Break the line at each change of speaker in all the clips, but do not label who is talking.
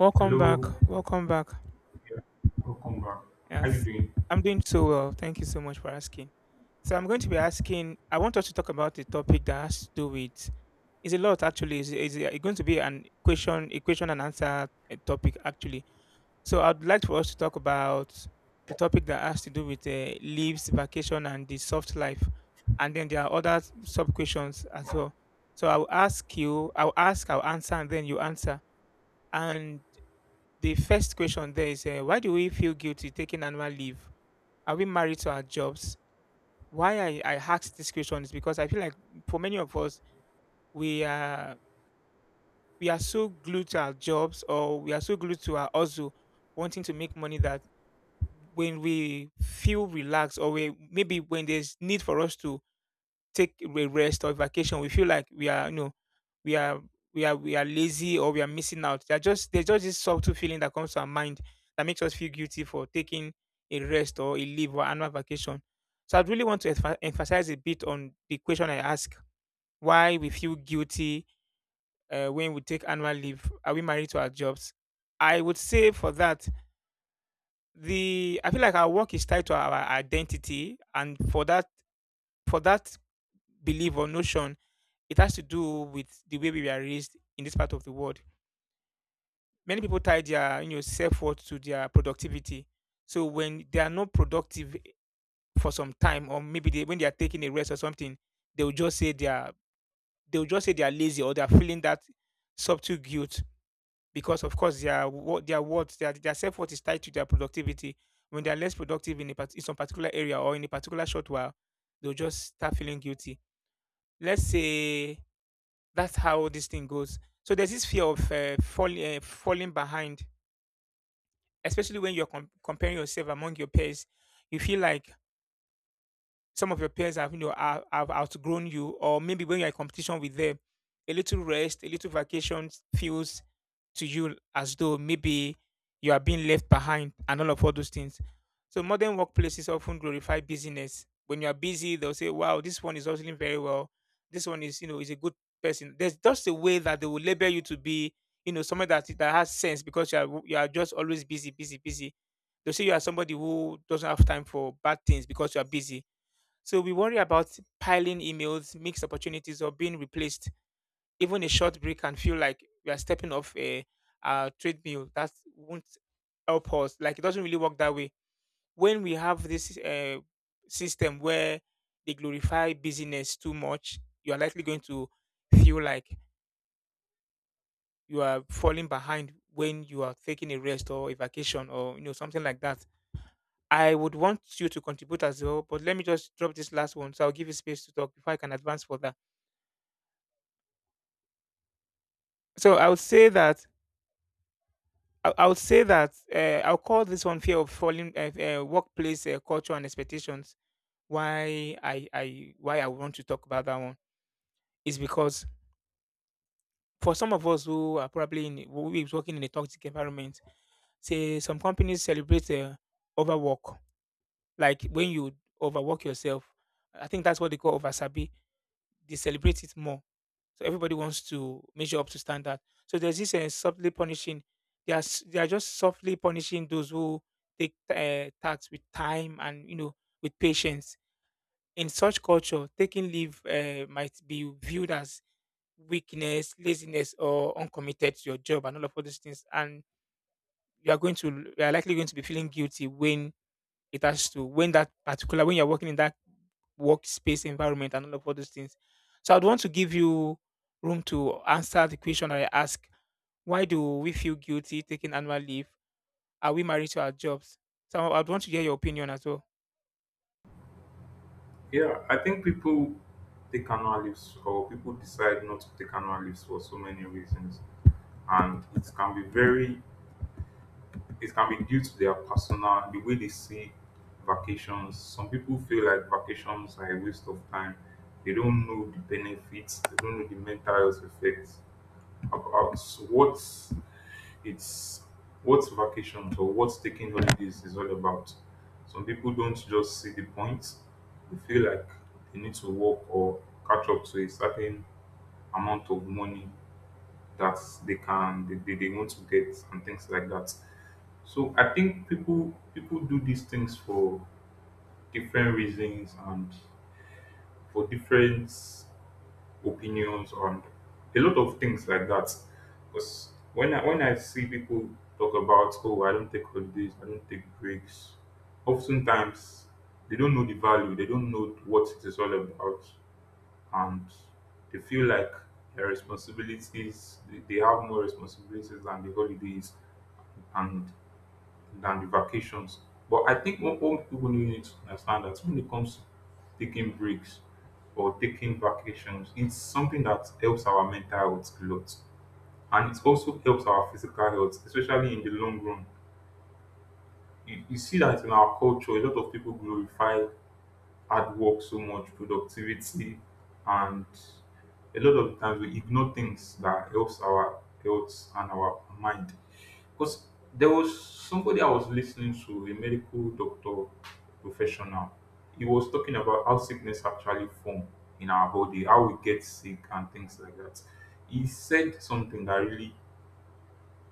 Welcome back.
Hello,
Welcome back.
yeah, welcome back. How you
Yes.
doing?
I'm doing so well. Thank you so much for asking. So I'm going to be asking I want us to talk about a topic that has to do with it's a lot actually. It's going to be an equation and answer topic actually. So I'd like for us to talk about the topic that has to do with leaves, vacation and the soft life. And then there are other sub questions as well. So I'll ask you, I'll ask, I'll answer and then you answer. And the first question there is why do we feel guilty taking annual leave? Are we married to our jobs? Why I asked this question is because I feel like for many of us we are we are so glued to our jobs, or we are so glued to our hustle, wanting to make money, that when we feel relaxed, or maybe when there's need for us to take a rest or vacation, we feel like we are, you know, we are we are lazy, or we are missing out. They're just there's just this subtle feeling that comes to our mind that makes us feel guilty for taking a rest or a leave or annual vacation. So I'd really want to emphasize a bit on the question I ask: why we feel guilty when we take annual leave? Are we married to our jobs? I would say for that the I feel like our work is tied to our identity, and for that belief or notion. It has to do with the way we were raised in this part of the world. Many people tie their, you know, self worth to their productivity. So when they are not productive for some time, or when they are taking a rest or something, they will just say they are they will just say they are lazy, or they are feeling that subtle guilt, because of course their worth, their self worth is tied to their productivity. When they are less productive in a in some particular area, or in a particular short while, they'll just start feeling guilty. Let's say that's how this thing goes. So there's this fear of falling behind, especially when you're comparing yourself among your peers. You feel like some of your peers have, you know, have outgrown you, or maybe when you're in competition with them, a little rest, a little vacation feels to you as though maybe you are being left behind and all of all those things. So modern workplaces often glorify busyness. When you are busy, they'll say, "Wow, this one is hustling very well. This one is, you know, is a good person." There's just a way that they will label you to be, you know, somebody that has sense, because you are just always busy, busy, busy. They'll say you are somebody who doesn't have time for bad things because you are busy. So we worry about piling emails, mixed opportunities, or being replaced. Even a short break can feel like we are stepping off a treadmill. That won't help us. Like, it doesn't really work that way. When we have this system where they glorify busyness too much, you are likely going to feel like you are falling behind when you are taking a rest or a vacation or, you know, something like that. I would want you to contribute as well, but let me just drop this last one so I'll give you space to talk before I can advance further. So I would say that I would say that I'll call this one fear of falling, workplace culture and expectations. Why I want to talk about that one is because for some of us who are probably in who is working in a toxic environment, say, some companies celebrate overwork, like when you overwork yourself. I think that's what they call oversabi. They celebrate it more. So everybody wants to measure up to standard. So there's this softly punishing. They are just softly punishing those who take tax with time and, you know, with patience. In such culture, taking leave might be viewed as weakness, laziness, or uncommitted to your job and all of all these things. And you are likely going to be feeling guilty when it has to when you're working in that workspace environment and all of all those things. So I'd want to give you room to answer the question I ask. Why do we feel guilty taking annual leave? Are we married to our jobs? So I'd want to hear your opinion as well.
Yeah, I think people take annual leaves or people decide not to take annual leaves for so many reasons, and it can be very, it can be due to their personal, the way they see vacations. Some people feel like vacations are a waste of time. They don't know the benefits. They don't know the mental health effects about what It's what vacations or what taking holidays is all about. Some people don't just see the point, they feel like they need to work or catch up to a certain amount of money that they can they want to get and things like that. So I think people do these things for different reasons and for different opinions on a lot of things like that. Because when I see people talk about, oh, I don't take holidays, I don't take breaks. Oftentimes they don't know the value, they don't know what it is all about, and they feel like their responsibilities, they have more responsibilities than the holidays and than the vacations. But I think, what people really need to understand that when it comes to taking breaks or taking vacations, it's something that helps our mental health a lot. And it also helps our physical health, especially in the long run. You see that in our culture, a lot of people glorify hard work so much, productivity, and a lot of times we ignore things that helps our health and our mind. Because there was somebody I was listening to, a medical doctor professional. He was talking about how sickness actually form in our body, how we get sick and things like that. He said something that really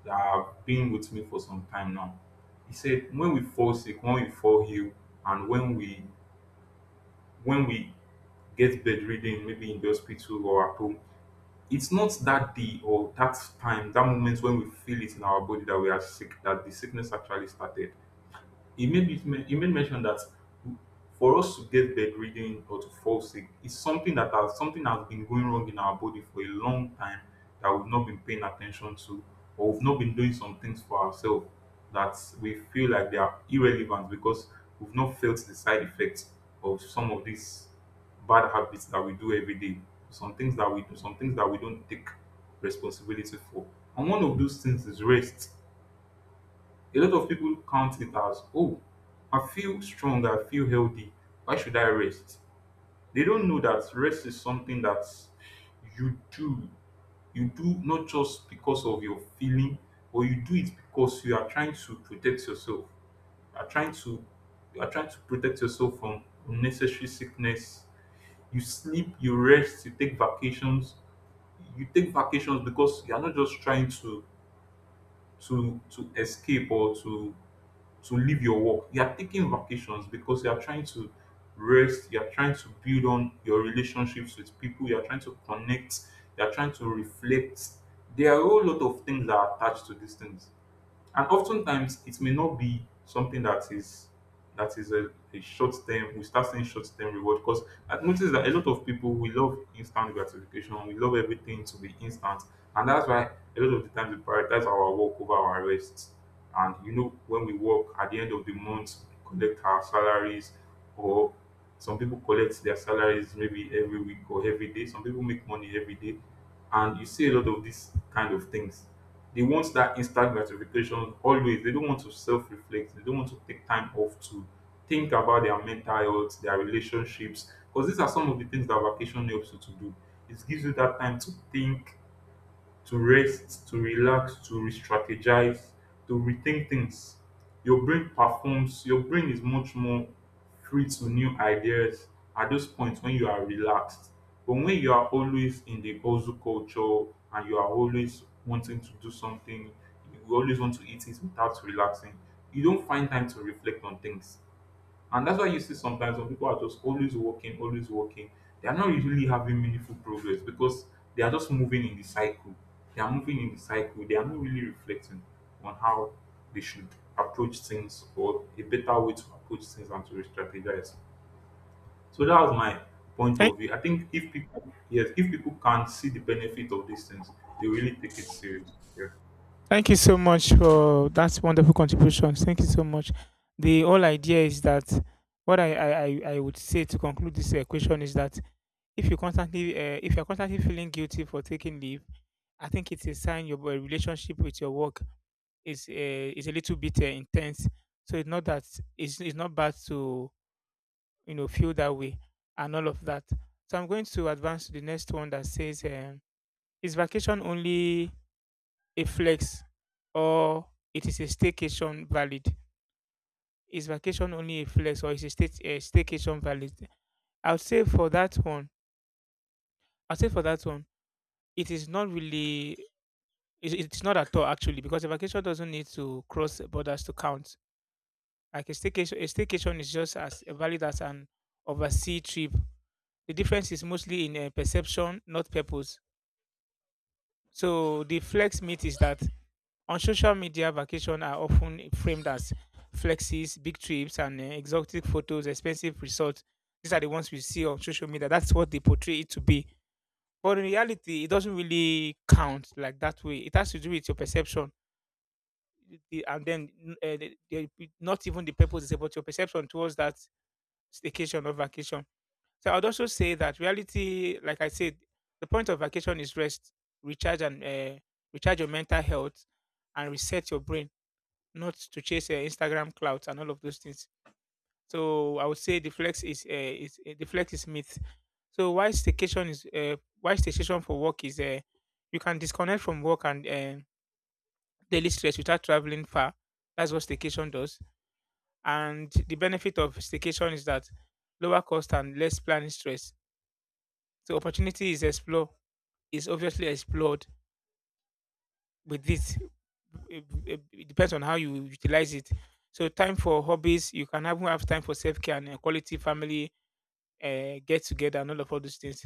that have been with me for some time now. He said, when we fall sick, when we fall ill, and when we get bedridden, maybe in the hospital or at home, it's not that day or that time, that moment when we feel it in our body that we are sick, that the sickness actually started. He he made mention that for us to get bedridden or to fall sick is something that has something has been going wrong in our body for a long time that we've not been paying attention to, or we've not been doing some things for ourselves that we feel like they are irrelevant because we've not felt the side effects of some of these bad habits that we do every day. Some things that we do, some things that we don't take responsibility for. And one of those things is rest. A lot of people count it as, oh, I feel strong, I feel healthy. Why should I rest? They don't know that rest is something that you do. You do not just because of your feeling, but you do it because you are trying to protect yourself. You are trying to you are trying to protect yourself from unnecessary sickness. You sleep, you rest, you take vacations. You take vacations because you are not just trying to to escape or to leave your work. You are taking vacations because you are trying to rest, you are trying to build on your relationships with people, you are trying to connect, you are trying to reflect. There are a whole lot of things that are attached to these things, and oftentimes it may not be something that is a short term, we start saying short term reward. Because I've noticed that a lot of people, we love instant gratification, we love everything to be instant. And that's why a lot of the times we prioritize our work over our rest. And you know, when we work at the end of the month we collect our salaries, or some people collect their salaries maybe every week or every day, some people make money every day. And you see a lot of these kind of things, they want that instant gratification always. They don't want to self reflect. They don't want to take time off to think about their mental health, their relationships. Because these are some of the things that vacation helps you to do. It gives you that time to think, to rest, to relax, to re-strategize, to rethink things. Your brain performs, your brain is much more free to new ideas at those points when you are relaxed. But when you are always in the hustle culture and you are always wanting to do something, you always want to eat it without relaxing, you don't find time to reflect on things. And that's why you see sometimes when people are just always working, they are not really having meaningful progress because they are just moving in the cycle. They are moving in the cycle. They are not really reflecting on how they should approach things, or a better way to approach things and to strategize. So that was my point
Thank,
of view. I think if people, yes, if people can see the benefit of these things, they really take it serious. Yeah.
thank you so much for that wonderful contribution. Thank you so much. The whole idea is that what I I would say to conclude this question is that if you constantly, if you're constantly feeling guilty for taking leave, I think it's a sign your relationship with your work is uh, is a little bit intense. So it's not that it's not bad to, you know, feel that way and all of that. So I'm going to advance to the next one that says, is vacation only a flex, or it is a staycation valid? Is vacation only a flex, or is a staycation valid? I would say for that one, i will say for that one, it is not really. It's not at all, actually, because a vacation doesn't need to cross borders to count. Like a staycation is just as valid as an overseas trip. The difference is mostly in perception, not purpose. So the flex myth is that on social media, vacation are often framed as flexes, big trips, and exotic photos, expensive resorts. These are the ones we see on social media. That's what they portray it to be. But in reality, it doesn't really count like that way. It has to do with your perception, the- and then n- eh, the- not even the purpose is about your perception towards that staycation or vacation. So I'd also say that reality, like I said, the point of vacation is rest, recharge and uh, recharge your mental health and reset your brain, not to chase Instagram clouds and all of those things. So I would say the flex is, the flex is myth. So why staycation is, why staycation for work is, you can disconnect from work and daily stress without traveling far. That's what staycation does. And the benefit of staycation is that lower cost and less planning stress. So opportunity is explore is obviously explored with this. It depends on how you utilize it. So time for hobbies, you can even have time for self care and quality family get together and all of all those things.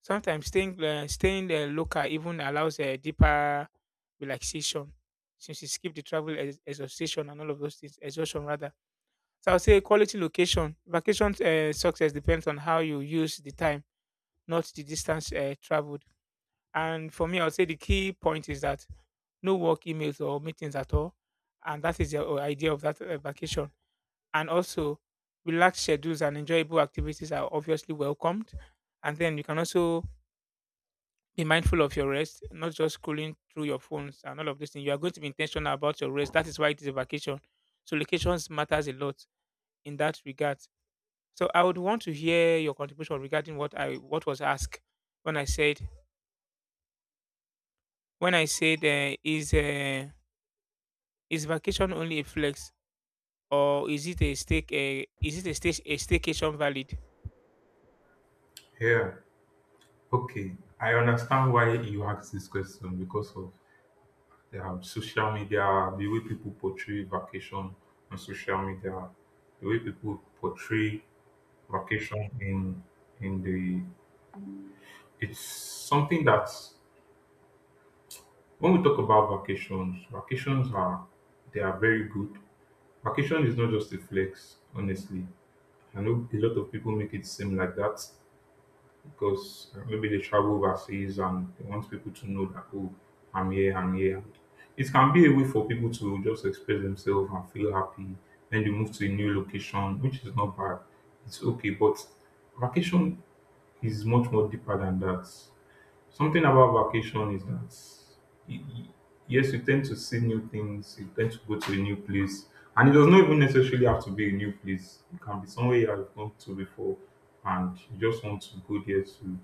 Sometimes staying local even allows a deeper relaxation, since you skip the travel ex- exhaustion and all of those things exhaustion rather. So I'll say quality location. Vacation success depends on how you use the time, not the distance traveled. And for me, I'll say the key point is that no work emails or meetings at all. And that is the idea of that vacation. And also, relaxed schedules and enjoyable activities are obviously welcomed. And then you can also be mindful of your rest, not just scrolling through your phones and all of these things. You are going to be intentional about your rest. That is why it is a vacation. So locations matters a lot in that regard. So I would want to hear your contribution regarding what was asked when I said when I said uh, is uh, is vacation only a flex, or is it a stake is it a stage a staycation valid?
Yeah. Okay. I understand why you asked this question because of social media, the way people portray vacation on social media, the way people portray vacation in the it's something that when we talk about vacations, vacations are they are very good. Vacation is not just a flex, honestly. I know a lot of people make it seem like that, because maybe they travel overseas and they want people to know that, oh, I'm here, I'm here. It can be a way for people to just express themselves and feel happy. Then they move to a new location, which is not bad. It's okay, but vacation is much more deeper than that. Something about vacation is that y- y- yes, you tend to see new things, you tend to go to a new place, and it does not even necessarily have to be a new place. It can be somewhere you have gone to before, and you just want to go there to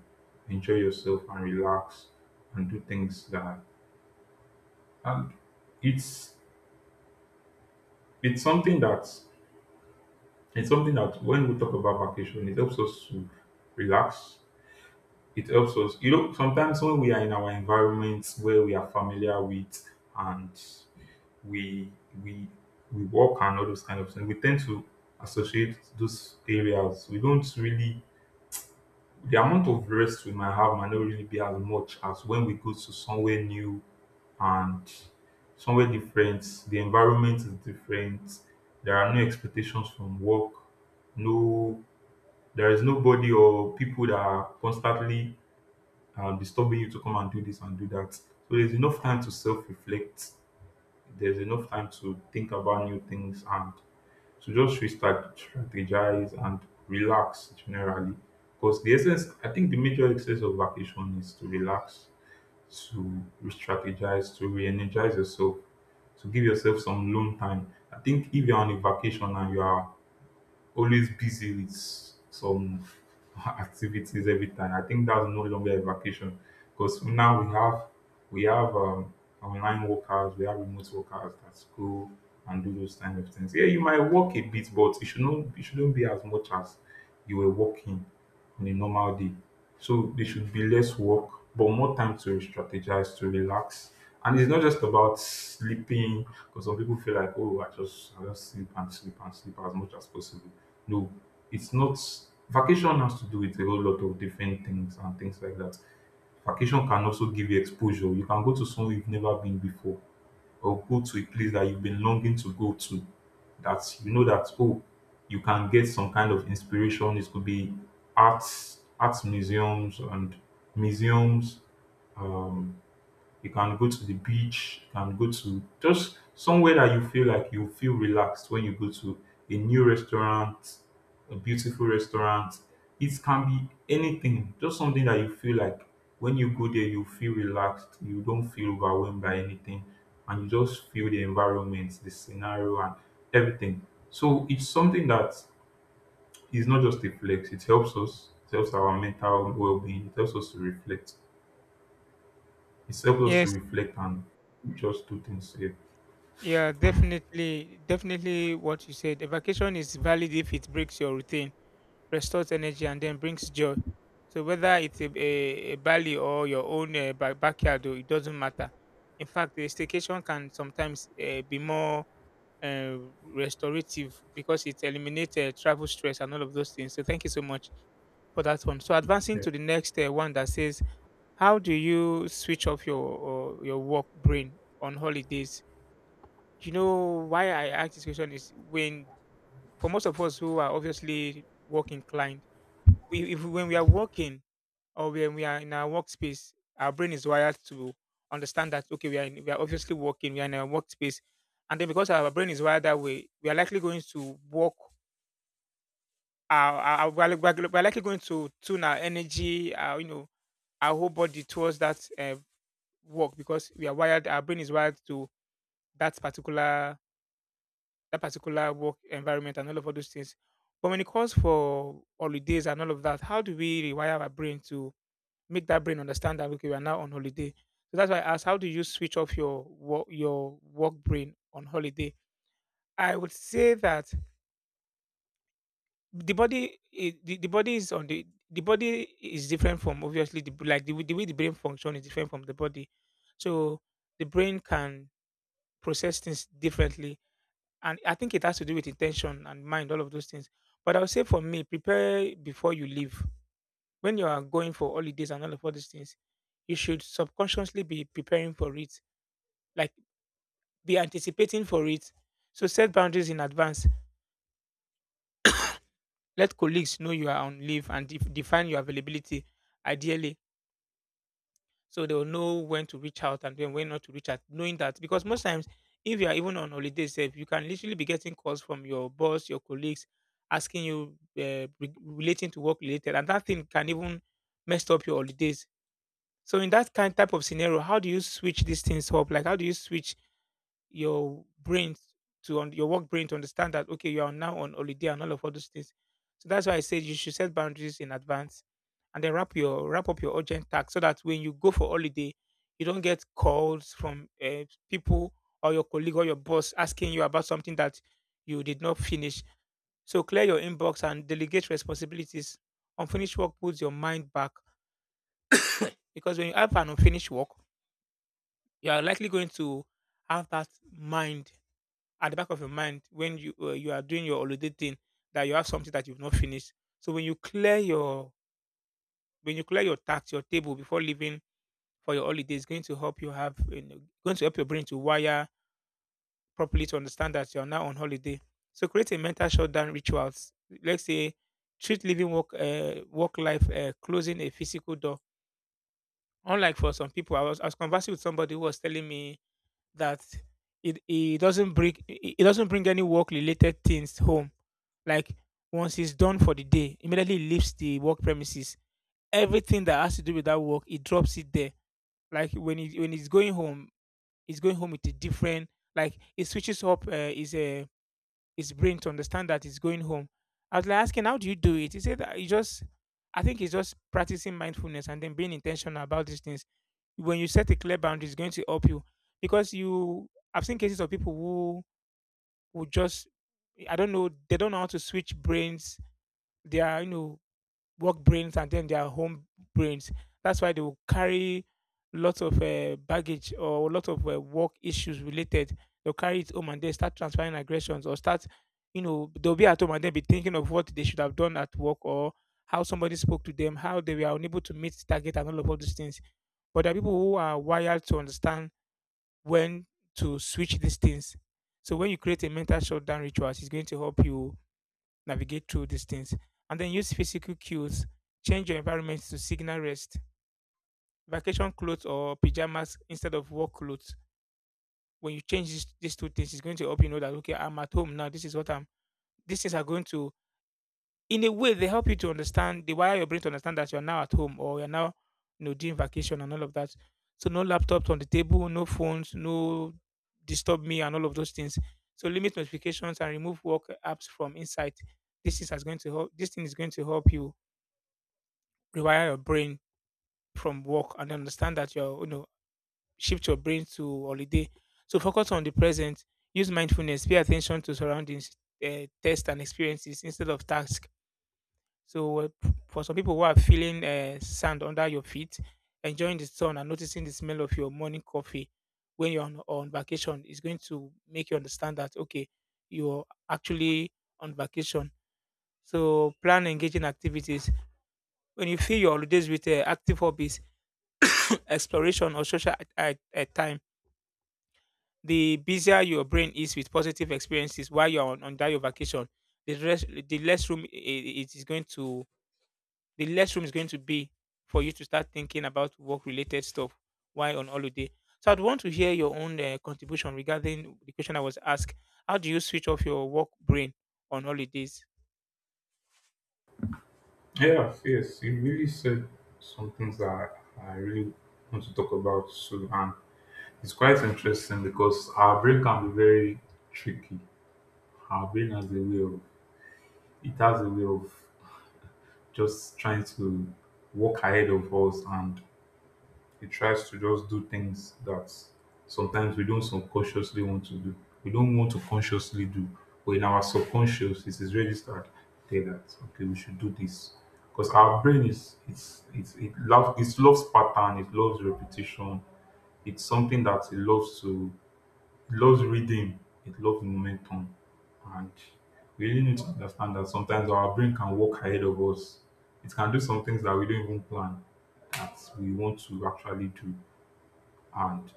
enjoy yourself and relax and do things that. And it's it's something that it's something that when we talk about vacation, it helps us to relax. It helps us, you know, sometimes when we are in our environments where we are familiar with, and we we we work and all those kind of things, we tend to associate those areas. We don't really the amount of rest we might have might not really be as much as when we go to somewhere new and somewhere different. The environment is different. There are no expectations from work. No, there is nobody or people that are constantly disturbing you to come and do this and do that. So there's enough time to self-reflect. There's enough time to think about new things and to just restart, strategize and relax generally. Because the essence, I think the major essence of vacation is to relax, to re-strategize, to re-energize yourself, to give yourself some alone time. I think if you're on a vacation and you are always busy with some activities every time, I think that's no longer a vacation. Because now we have we have um, online workers, we have remote workers that go and do those kind of things. Yeah, you might work a bit, but it shouldn't be as much as you were working on a normal day. So there should be less work, but more time to strategize, to relax. And it's not just about sleeping, because some people feel like, oh, I just sleep and sleep and sleep as much as possible. No, it's not. Vacation has to do with a whole lot of different things and things like that. Vacation can also give you exposure. You can go to somewhere you've never been before, or go to a place that you've been longing to go to, that you know that, oh, you can get some kind of inspiration. It could be art museums and museums. You can go to the beach, you can go to just somewhere that you feel like you feel relaxed when you go to, a new restaurant, a beautiful restaurant. It can be anything, just something that you feel like when you go there, you feel relaxed, you don't feel overwhelmed by anything, and you just feel the environment, the scenario, and everything. So it's something that is not just a flex, it helps us, it helps our mental well being, it helps us to reflect, it helps us to
Yes.
reflect and just do things. Yeah,
Yeah, definitely, definitely what you said. A vacation is valid if it breaks your routine, restores energy, and then brings joy. So whether it's a Bali or your own backyard, though, it doesn't matter. In fact, a staycation can sometimes be more uh, restorative because it eliminates travel stress and all of those things. So thank you so much for that one. So advancing
yeah,
to the next one that says, how do you switch off your work brain on holidays? You know why I ask this question is when for most of us who are obviously work inclined, we if when we are working or when we are in our workspace, our brain is wired to understand that okay, we are obviously working, we are in a workspace, and then because our brain is wired that way, we are likely going to work. Our, we, are, we are we are likely going to tune our energy, our whole body towards that work because we are wired. Our brain is wired to that particular that particular work environment and all of all those things. But when it calls for holidays and all of that, how do we rewire our brain to make that brain understand that okay, we are now on holiday? So that's why I asked, how do you switch off your work brain on holiday? I would say that the body is on the body is different from obviously the way the brain function is different from the body, so the brain can process things differently, and I think it has to do with intention and mind, all of those things. But I would say for me, prepare before you leave. When you are going for holidays and all of all these things, you should subconsciously be preparing for it, like be anticipating for it. So set boundaries in advance. Let colleagues know you are on leave and define your availability ideally. So they will know when to reach out and then when not to reach out, knowing that because most times if you are even on holiday safe, you can literally be getting calls from your boss, your colleagues, asking you relating to work related, and that thing can even mess up your holidays. So in that kind type of scenario, how do you switch these things up? Like how do you switch your brain to on your work brain to understand that okay, you are now on holiday and all of all those things. So that's why I said you should set boundaries in advance and then wrap up your urgent task so that when you go for holiday, you don't get calls from people or your colleague or your boss asking you about something that you did not finish. So clear your inbox and delegate responsibilities. Unfinished work puts your mind back because when you have an unfinished work, you are likely going to have that mind at the back of your mind when you you are doing your holiday thing, that you have something that you've not finished. So when you clear your tax, your table before leaving for your holiday is going to help you have, going to help your brain to wire properly to understand that you're now on holiday. So create a mental shutdown rituals. Let's say treat living work life closing a physical door. Unlike for some people, I was conversing with somebody who was telling me that it doesn't bring it doesn't bring any work related things home. Like once he's done for the day, immediately he leaves the work premises. Everything that has to do with that work, he drops it there. Like when he's going home, is going home with a different, like it switches up his brain to understand that he's going home. I was like asking, how do you do it? He said that he just I think it's just practicing mindfulness and then being intentional about these things. When you set a clear boundary, it's going to help you because you I've seen cases of people who just I don't know, they don't know how to switch brains. They are, you know, work brains and then their home brains. That's why they will carry lots of baggage or lots of work issues related. They'll carry it home and then start transferring aggressions or start, you know, they'll be at home and then be thinking of what they should have done at work or how somebody spoke to them, how they were unable to meet target and all of all these things. But there are people who are wired to understand when to switch these things. So when you create a mental shutdown rituals, it's going to help you navigate through these things. And then use physical cues, change your environment to signal rest. Vacation clothes or pajamas instead of work clothes. When you change these two things, it's going to help you know that okay, I'm at home now. This is what I'm. These things are going to, in a way, they help you to understand. They wire your brain to understand that you're now at home or you're now, you know, doing vacation and all of that. So no laptops on the table, no phones, no disturb me and all of those things. So limit notifications and remove work apps from insight. This is as going to help. This thing is going to help you rewire your brain from work and understand that you're, you know, shift your brain to holiday, so focus on the present, use mindfulness, pay attention to surroundings, test and experiences instead of task. So for some people who are feeling sand under your feet, enjoying the sun and noticing the smell of your morning coffee when you're on vacation, is going to make you understand that okay, you're actually on vacation. So plan engaging activities. When you fill your holidays with active hobbies, exploration, or social at time, the busier your brain is with positive experiences while you're on that your vacation, the less room it is going to the less room is going to be for you to start thinking about work related stuff while on holiday. So I'd want to hear your own contribution regarding the question I was asked. How do you switch off your work brain on holidays?
yeah yes. He really said some things that I really want to talk about soon, and it's quite interesting because our brain can be very tricky. Our brain has a way of it has a way of just trying to walk ahead of us, and it tries to just do things that sometimes we don't subconsciously want to do. We don't want to consciously do, but in our subconscious, it is registered there that okay, we should do this because our brain is it loves it loves pattern, it loves repetition. It's something that it loves to it loves reading, it loves momentum, and we really need to understand that sometimes our brain can walk ahead of us. It can do some things that we don't even plan that we want to actually do. And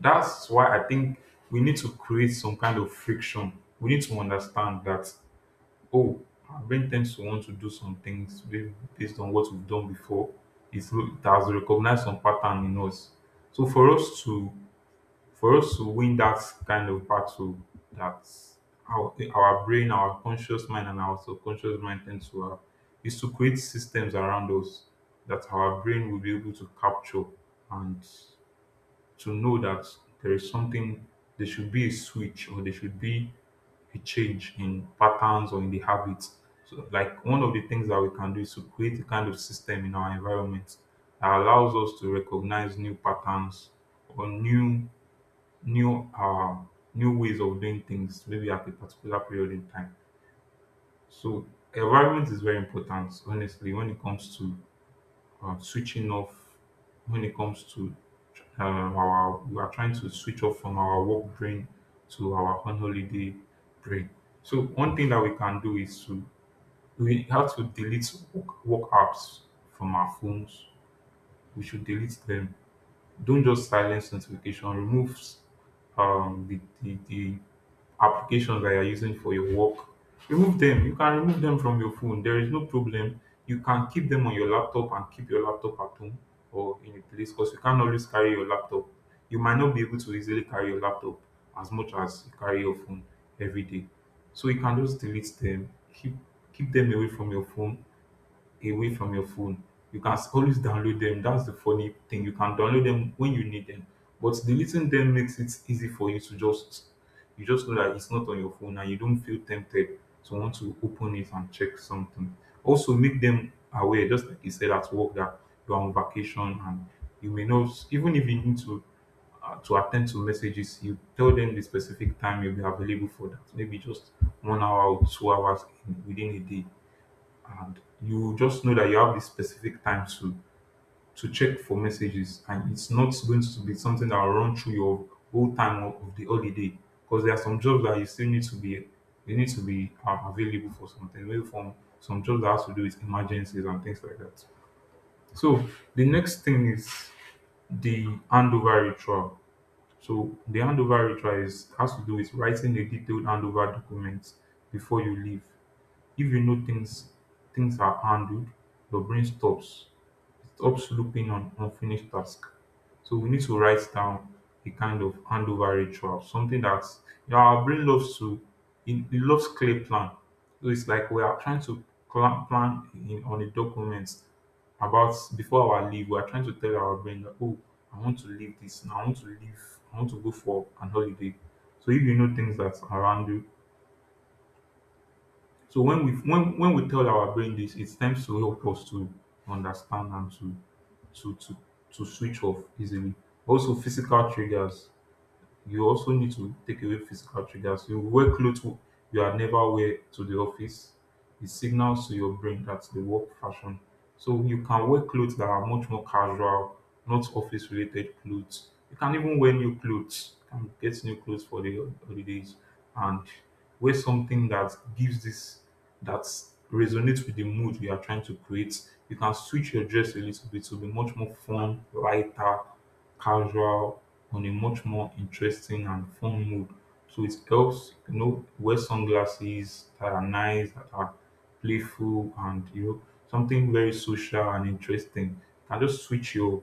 that's why I think we need to create some kind of friction. We need to understand that, oh, our brain tends to want to do some things based on what we've done before. It's, it has recognized some pattern in us. So for us to win that kind of battle, that our brain, our conscious mind, and our subconscious mind tend to have, is to create systems around us that our brain will be able to capture and to know that there is something, there should be a switch, or there should be a change in patterns or in the habits. So like one of the things that we can do is to create a kind of system in our environment that allows us to recognize new patterns or new new ways of doing things maybe at a particular period in time. So environment is very important honestly when it comes to switching off, when it comes to our we are trying to switch off from our work brain to our on holiday brain. So one thing that we can do is to we have to delete work apps from our phones. We should delete them. Don't just silence notification. Remove the applications that you're using for your work, remove them. You can remove them from your phone. There is no problem. You can keep them on your laptop and keep your laptop at home or in a place because you can't always carry your laptop. You might not be able to easily carry your laptop as much as you carry your phone every day. So you can just delete them, keep them away from your phone, away from your phone. You can always download them. That's the funny thing. You can download them when you need them. But deleting them makes it easy for you to just you just know that it's not on your phone and you don't feel tempted to want to open it and check something. Also, make them aware, just like you said at work, that you are on vacation and you may not, even if you need to attend to messages, you tell them the specific time you'll be available for that. Maybe just 1 hour or 2 hours within a day, and you just know that you have this specific time to check for messages, and it's not going to be something that will run through your whole time of the holiday, because there are some jobs that you still need to be you need to be available for something, maybe from some jobs that has to do with emergencies and things like that. So the next thing is the handover ritual. So the handover ritual is has to do with writing a detailed handover document before you leave. If you know things things are handled, your brain stops. It stops looping on unfinished tasks. So we need to write down a kind of handover ritual, something that, you know, our brain loves to it loves clear plan. So it's like we are trying to plan in, on a document, about before our leave, we are trying to tell our brain that, oh, I want to leave this now. I want to leave. I want to go for an holiday. So if you know things that's around you, so when we tell our brain this, it tends to help us to understand and to to switch off easily. Also, physical triggers, you also need to take away physical triggers. You wear clothes you had never wear to the office. It signals to your brain that's the work fashion. So you can wear clothes that are much more casual, not office related clothes. You can even wear new clothes. You can get new clothes for the holidays and wear something that gives this that resonates with the mood you are trying to create. You can switch your dress a little bit to be much more fun, lighter, casual, on a much more interesting and fun mood. So it helps, you know, wear sunglasses that are nice, that are playful, and, you know, something very social and interesting. And just switch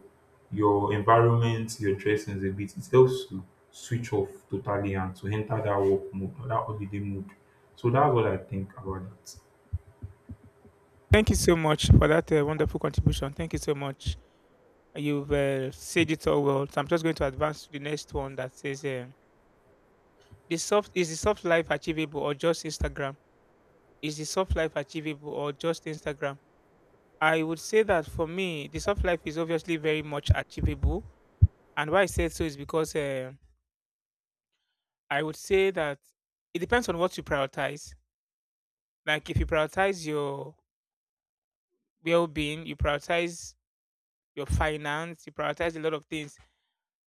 your environment, your dressings a bit. It helps to switch off totally and to enter that work mode or that holiday mood. So that's what I think about that.
Thank you so much for that wonderful contribution. Thank you so much. You've said it all well. So I'm just going to advance to the next one that says. The soft is the soft life achievable or just Instagram? Is the soft life achievable or just Instagram? I would say that for me, the soft life is obviously very much achievable, and why I said so is because I would say that it depends on what you prioritize. Like if you prioritize your well-being, you prioritize your finance, you prioritize a lot of things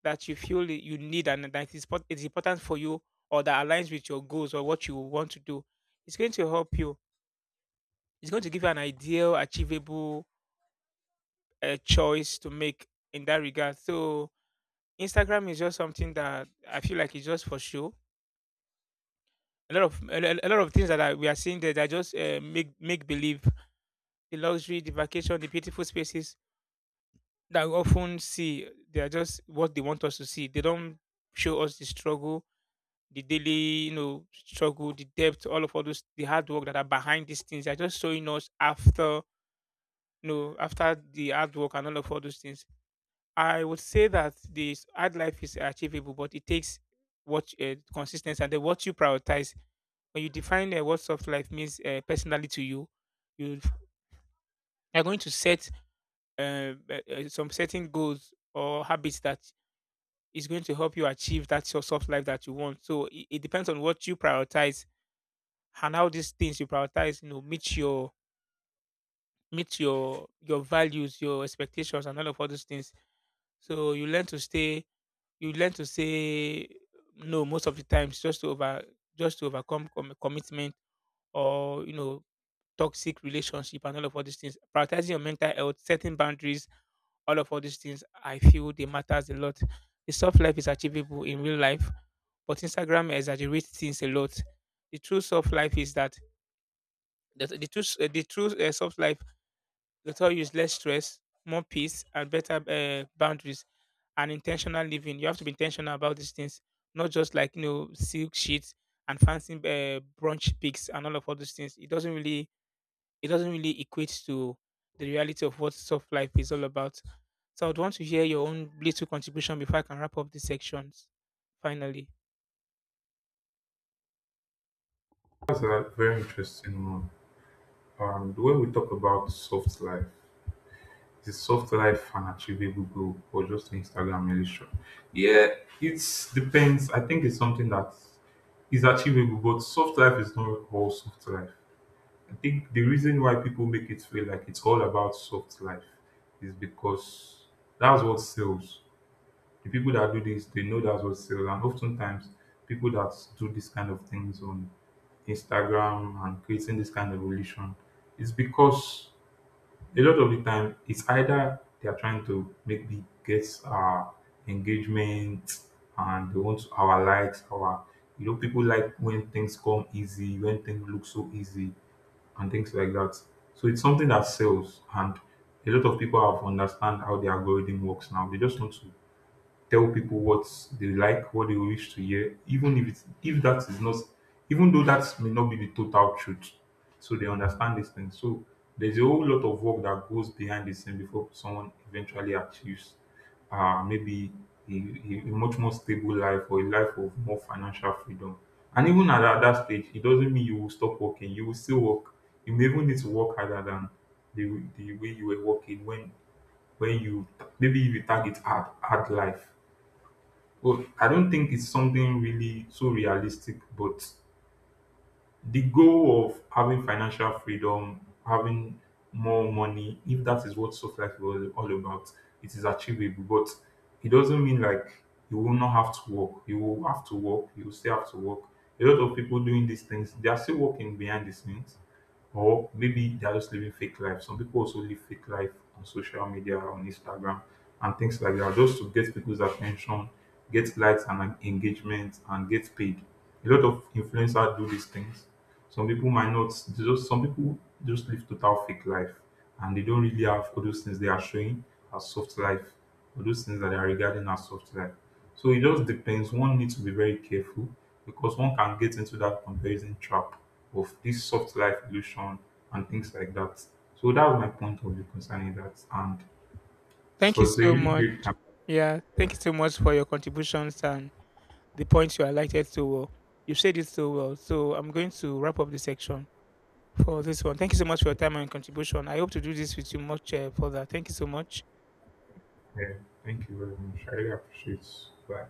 that you feel that you need and that is is important for you or that aligns with your goals or what you want to do. It's going to help you, it's going to give you an ideal, achievable choice to make in that regard. So Instagram is just something that I feel like it's just for show. A lot of things we are seeing there that just make believe: the luxury, the vacation, the beautiful spaces that we often see. They are just what they want us to see. They don't show us the struggle, the daily, you know, struggle, the depth, all of all those, the hard work that are behind these things. They're just showing us after, you know, after the hard work and all of all those things. I would say that this hard life is achievable, but it takes what, consistency and then what you prioritize. When you define what soft life means personally to you, you are going to set uh, some certain goals or habits that is going to help you achieve that your soft life that you want. So it depends on what you prioritize and how these things you prioritize, you know, meet your values, your expectations, and all of all those things. So you learn to say no most of the times, just to over just to overcome commitment or, you know, toxic relationship and all of all these things. Prioritizing your mental health, setting boundaries, all of all these things, I feel they matters a lot. The soft life is achievable in real life, but Instagram exaggerates things a lot. The true soft life is that the true soft life Doctor use less stress, more peace, and better boundaries and intentional living. You have to be intentional about these things, not just, like, you know, silk sheets and fancy brunch picks and all of all these things. It doesn't really, it doesn't really equate to the reality of what soft life is all about. So I'd want to hear your own little contribution before I can wrap up these sections. Finally,
That's a very interesting one. When we talk about soft life, is soft life an achievable goal or just an Instagram illusion? Yeah, it depends. I think it's something that is achievable, but soft life is not all soft life. I think the reason why people make it feel like it's all about soft life is because that's what sells. The people that do this, they know that's what sells, and oftentimes people that do this kind of things on Instagram and creating this kind of relation is because a lot of the time it's either they are trying to make the gets our engagement and they want our likes, our, you know, people like when things come easy, when things look so easy and things like that. So it's something that sells, and a lot of people have understand how the algorithm works now, they just want to tell people what they like, what they wish to hear, even if it's if that is not even though that may not be the total truth. So they understand these things. So there's a whole lot of work that goes behind the scene before someone eventually achieves maybe a much more stable life or a life of more financial freedom. And even at that, that stage, it doesn't mean you will stop working. You will still work. You may even need to work harder than the way you were working when you maybe if you target hard life. Well, I don't think it's something really so realistic, but the goal of having financial freedom, having more money, if that is what soft life is all about, it is achievable. But it doesn't mean like you will not have to work. You will have to work. You will still have to work. A lot of people doing these things, they are still working behind the scenes, or maybe they are just living fake life. Some people also live fake life on social media, on Instagram, and things like that, just to get people's attention, get likes and engagement, and get paid. A lot of influencers do these things, some people might not. They just some people just live total fake life, and they don't really have all those things they are showing as soft life, all those things that they are regarding as soft life. So it just depends. One needs to be very careful because one can get into that comparison trap of this soft life illusion and things like that. So that was my point of view concerning that, and
thank
so
you
it's a
so
really
much.
great time.
Yeah, thank you so much for your contributions and the points you highlighted so well. You said it so well. So I'm going to wrap up the section for this one. Thank you so much for your time and contribution. I hope to do this with you much further. Thank you so much.
Yeah, thank you very much. I really appreciate. It. Bye.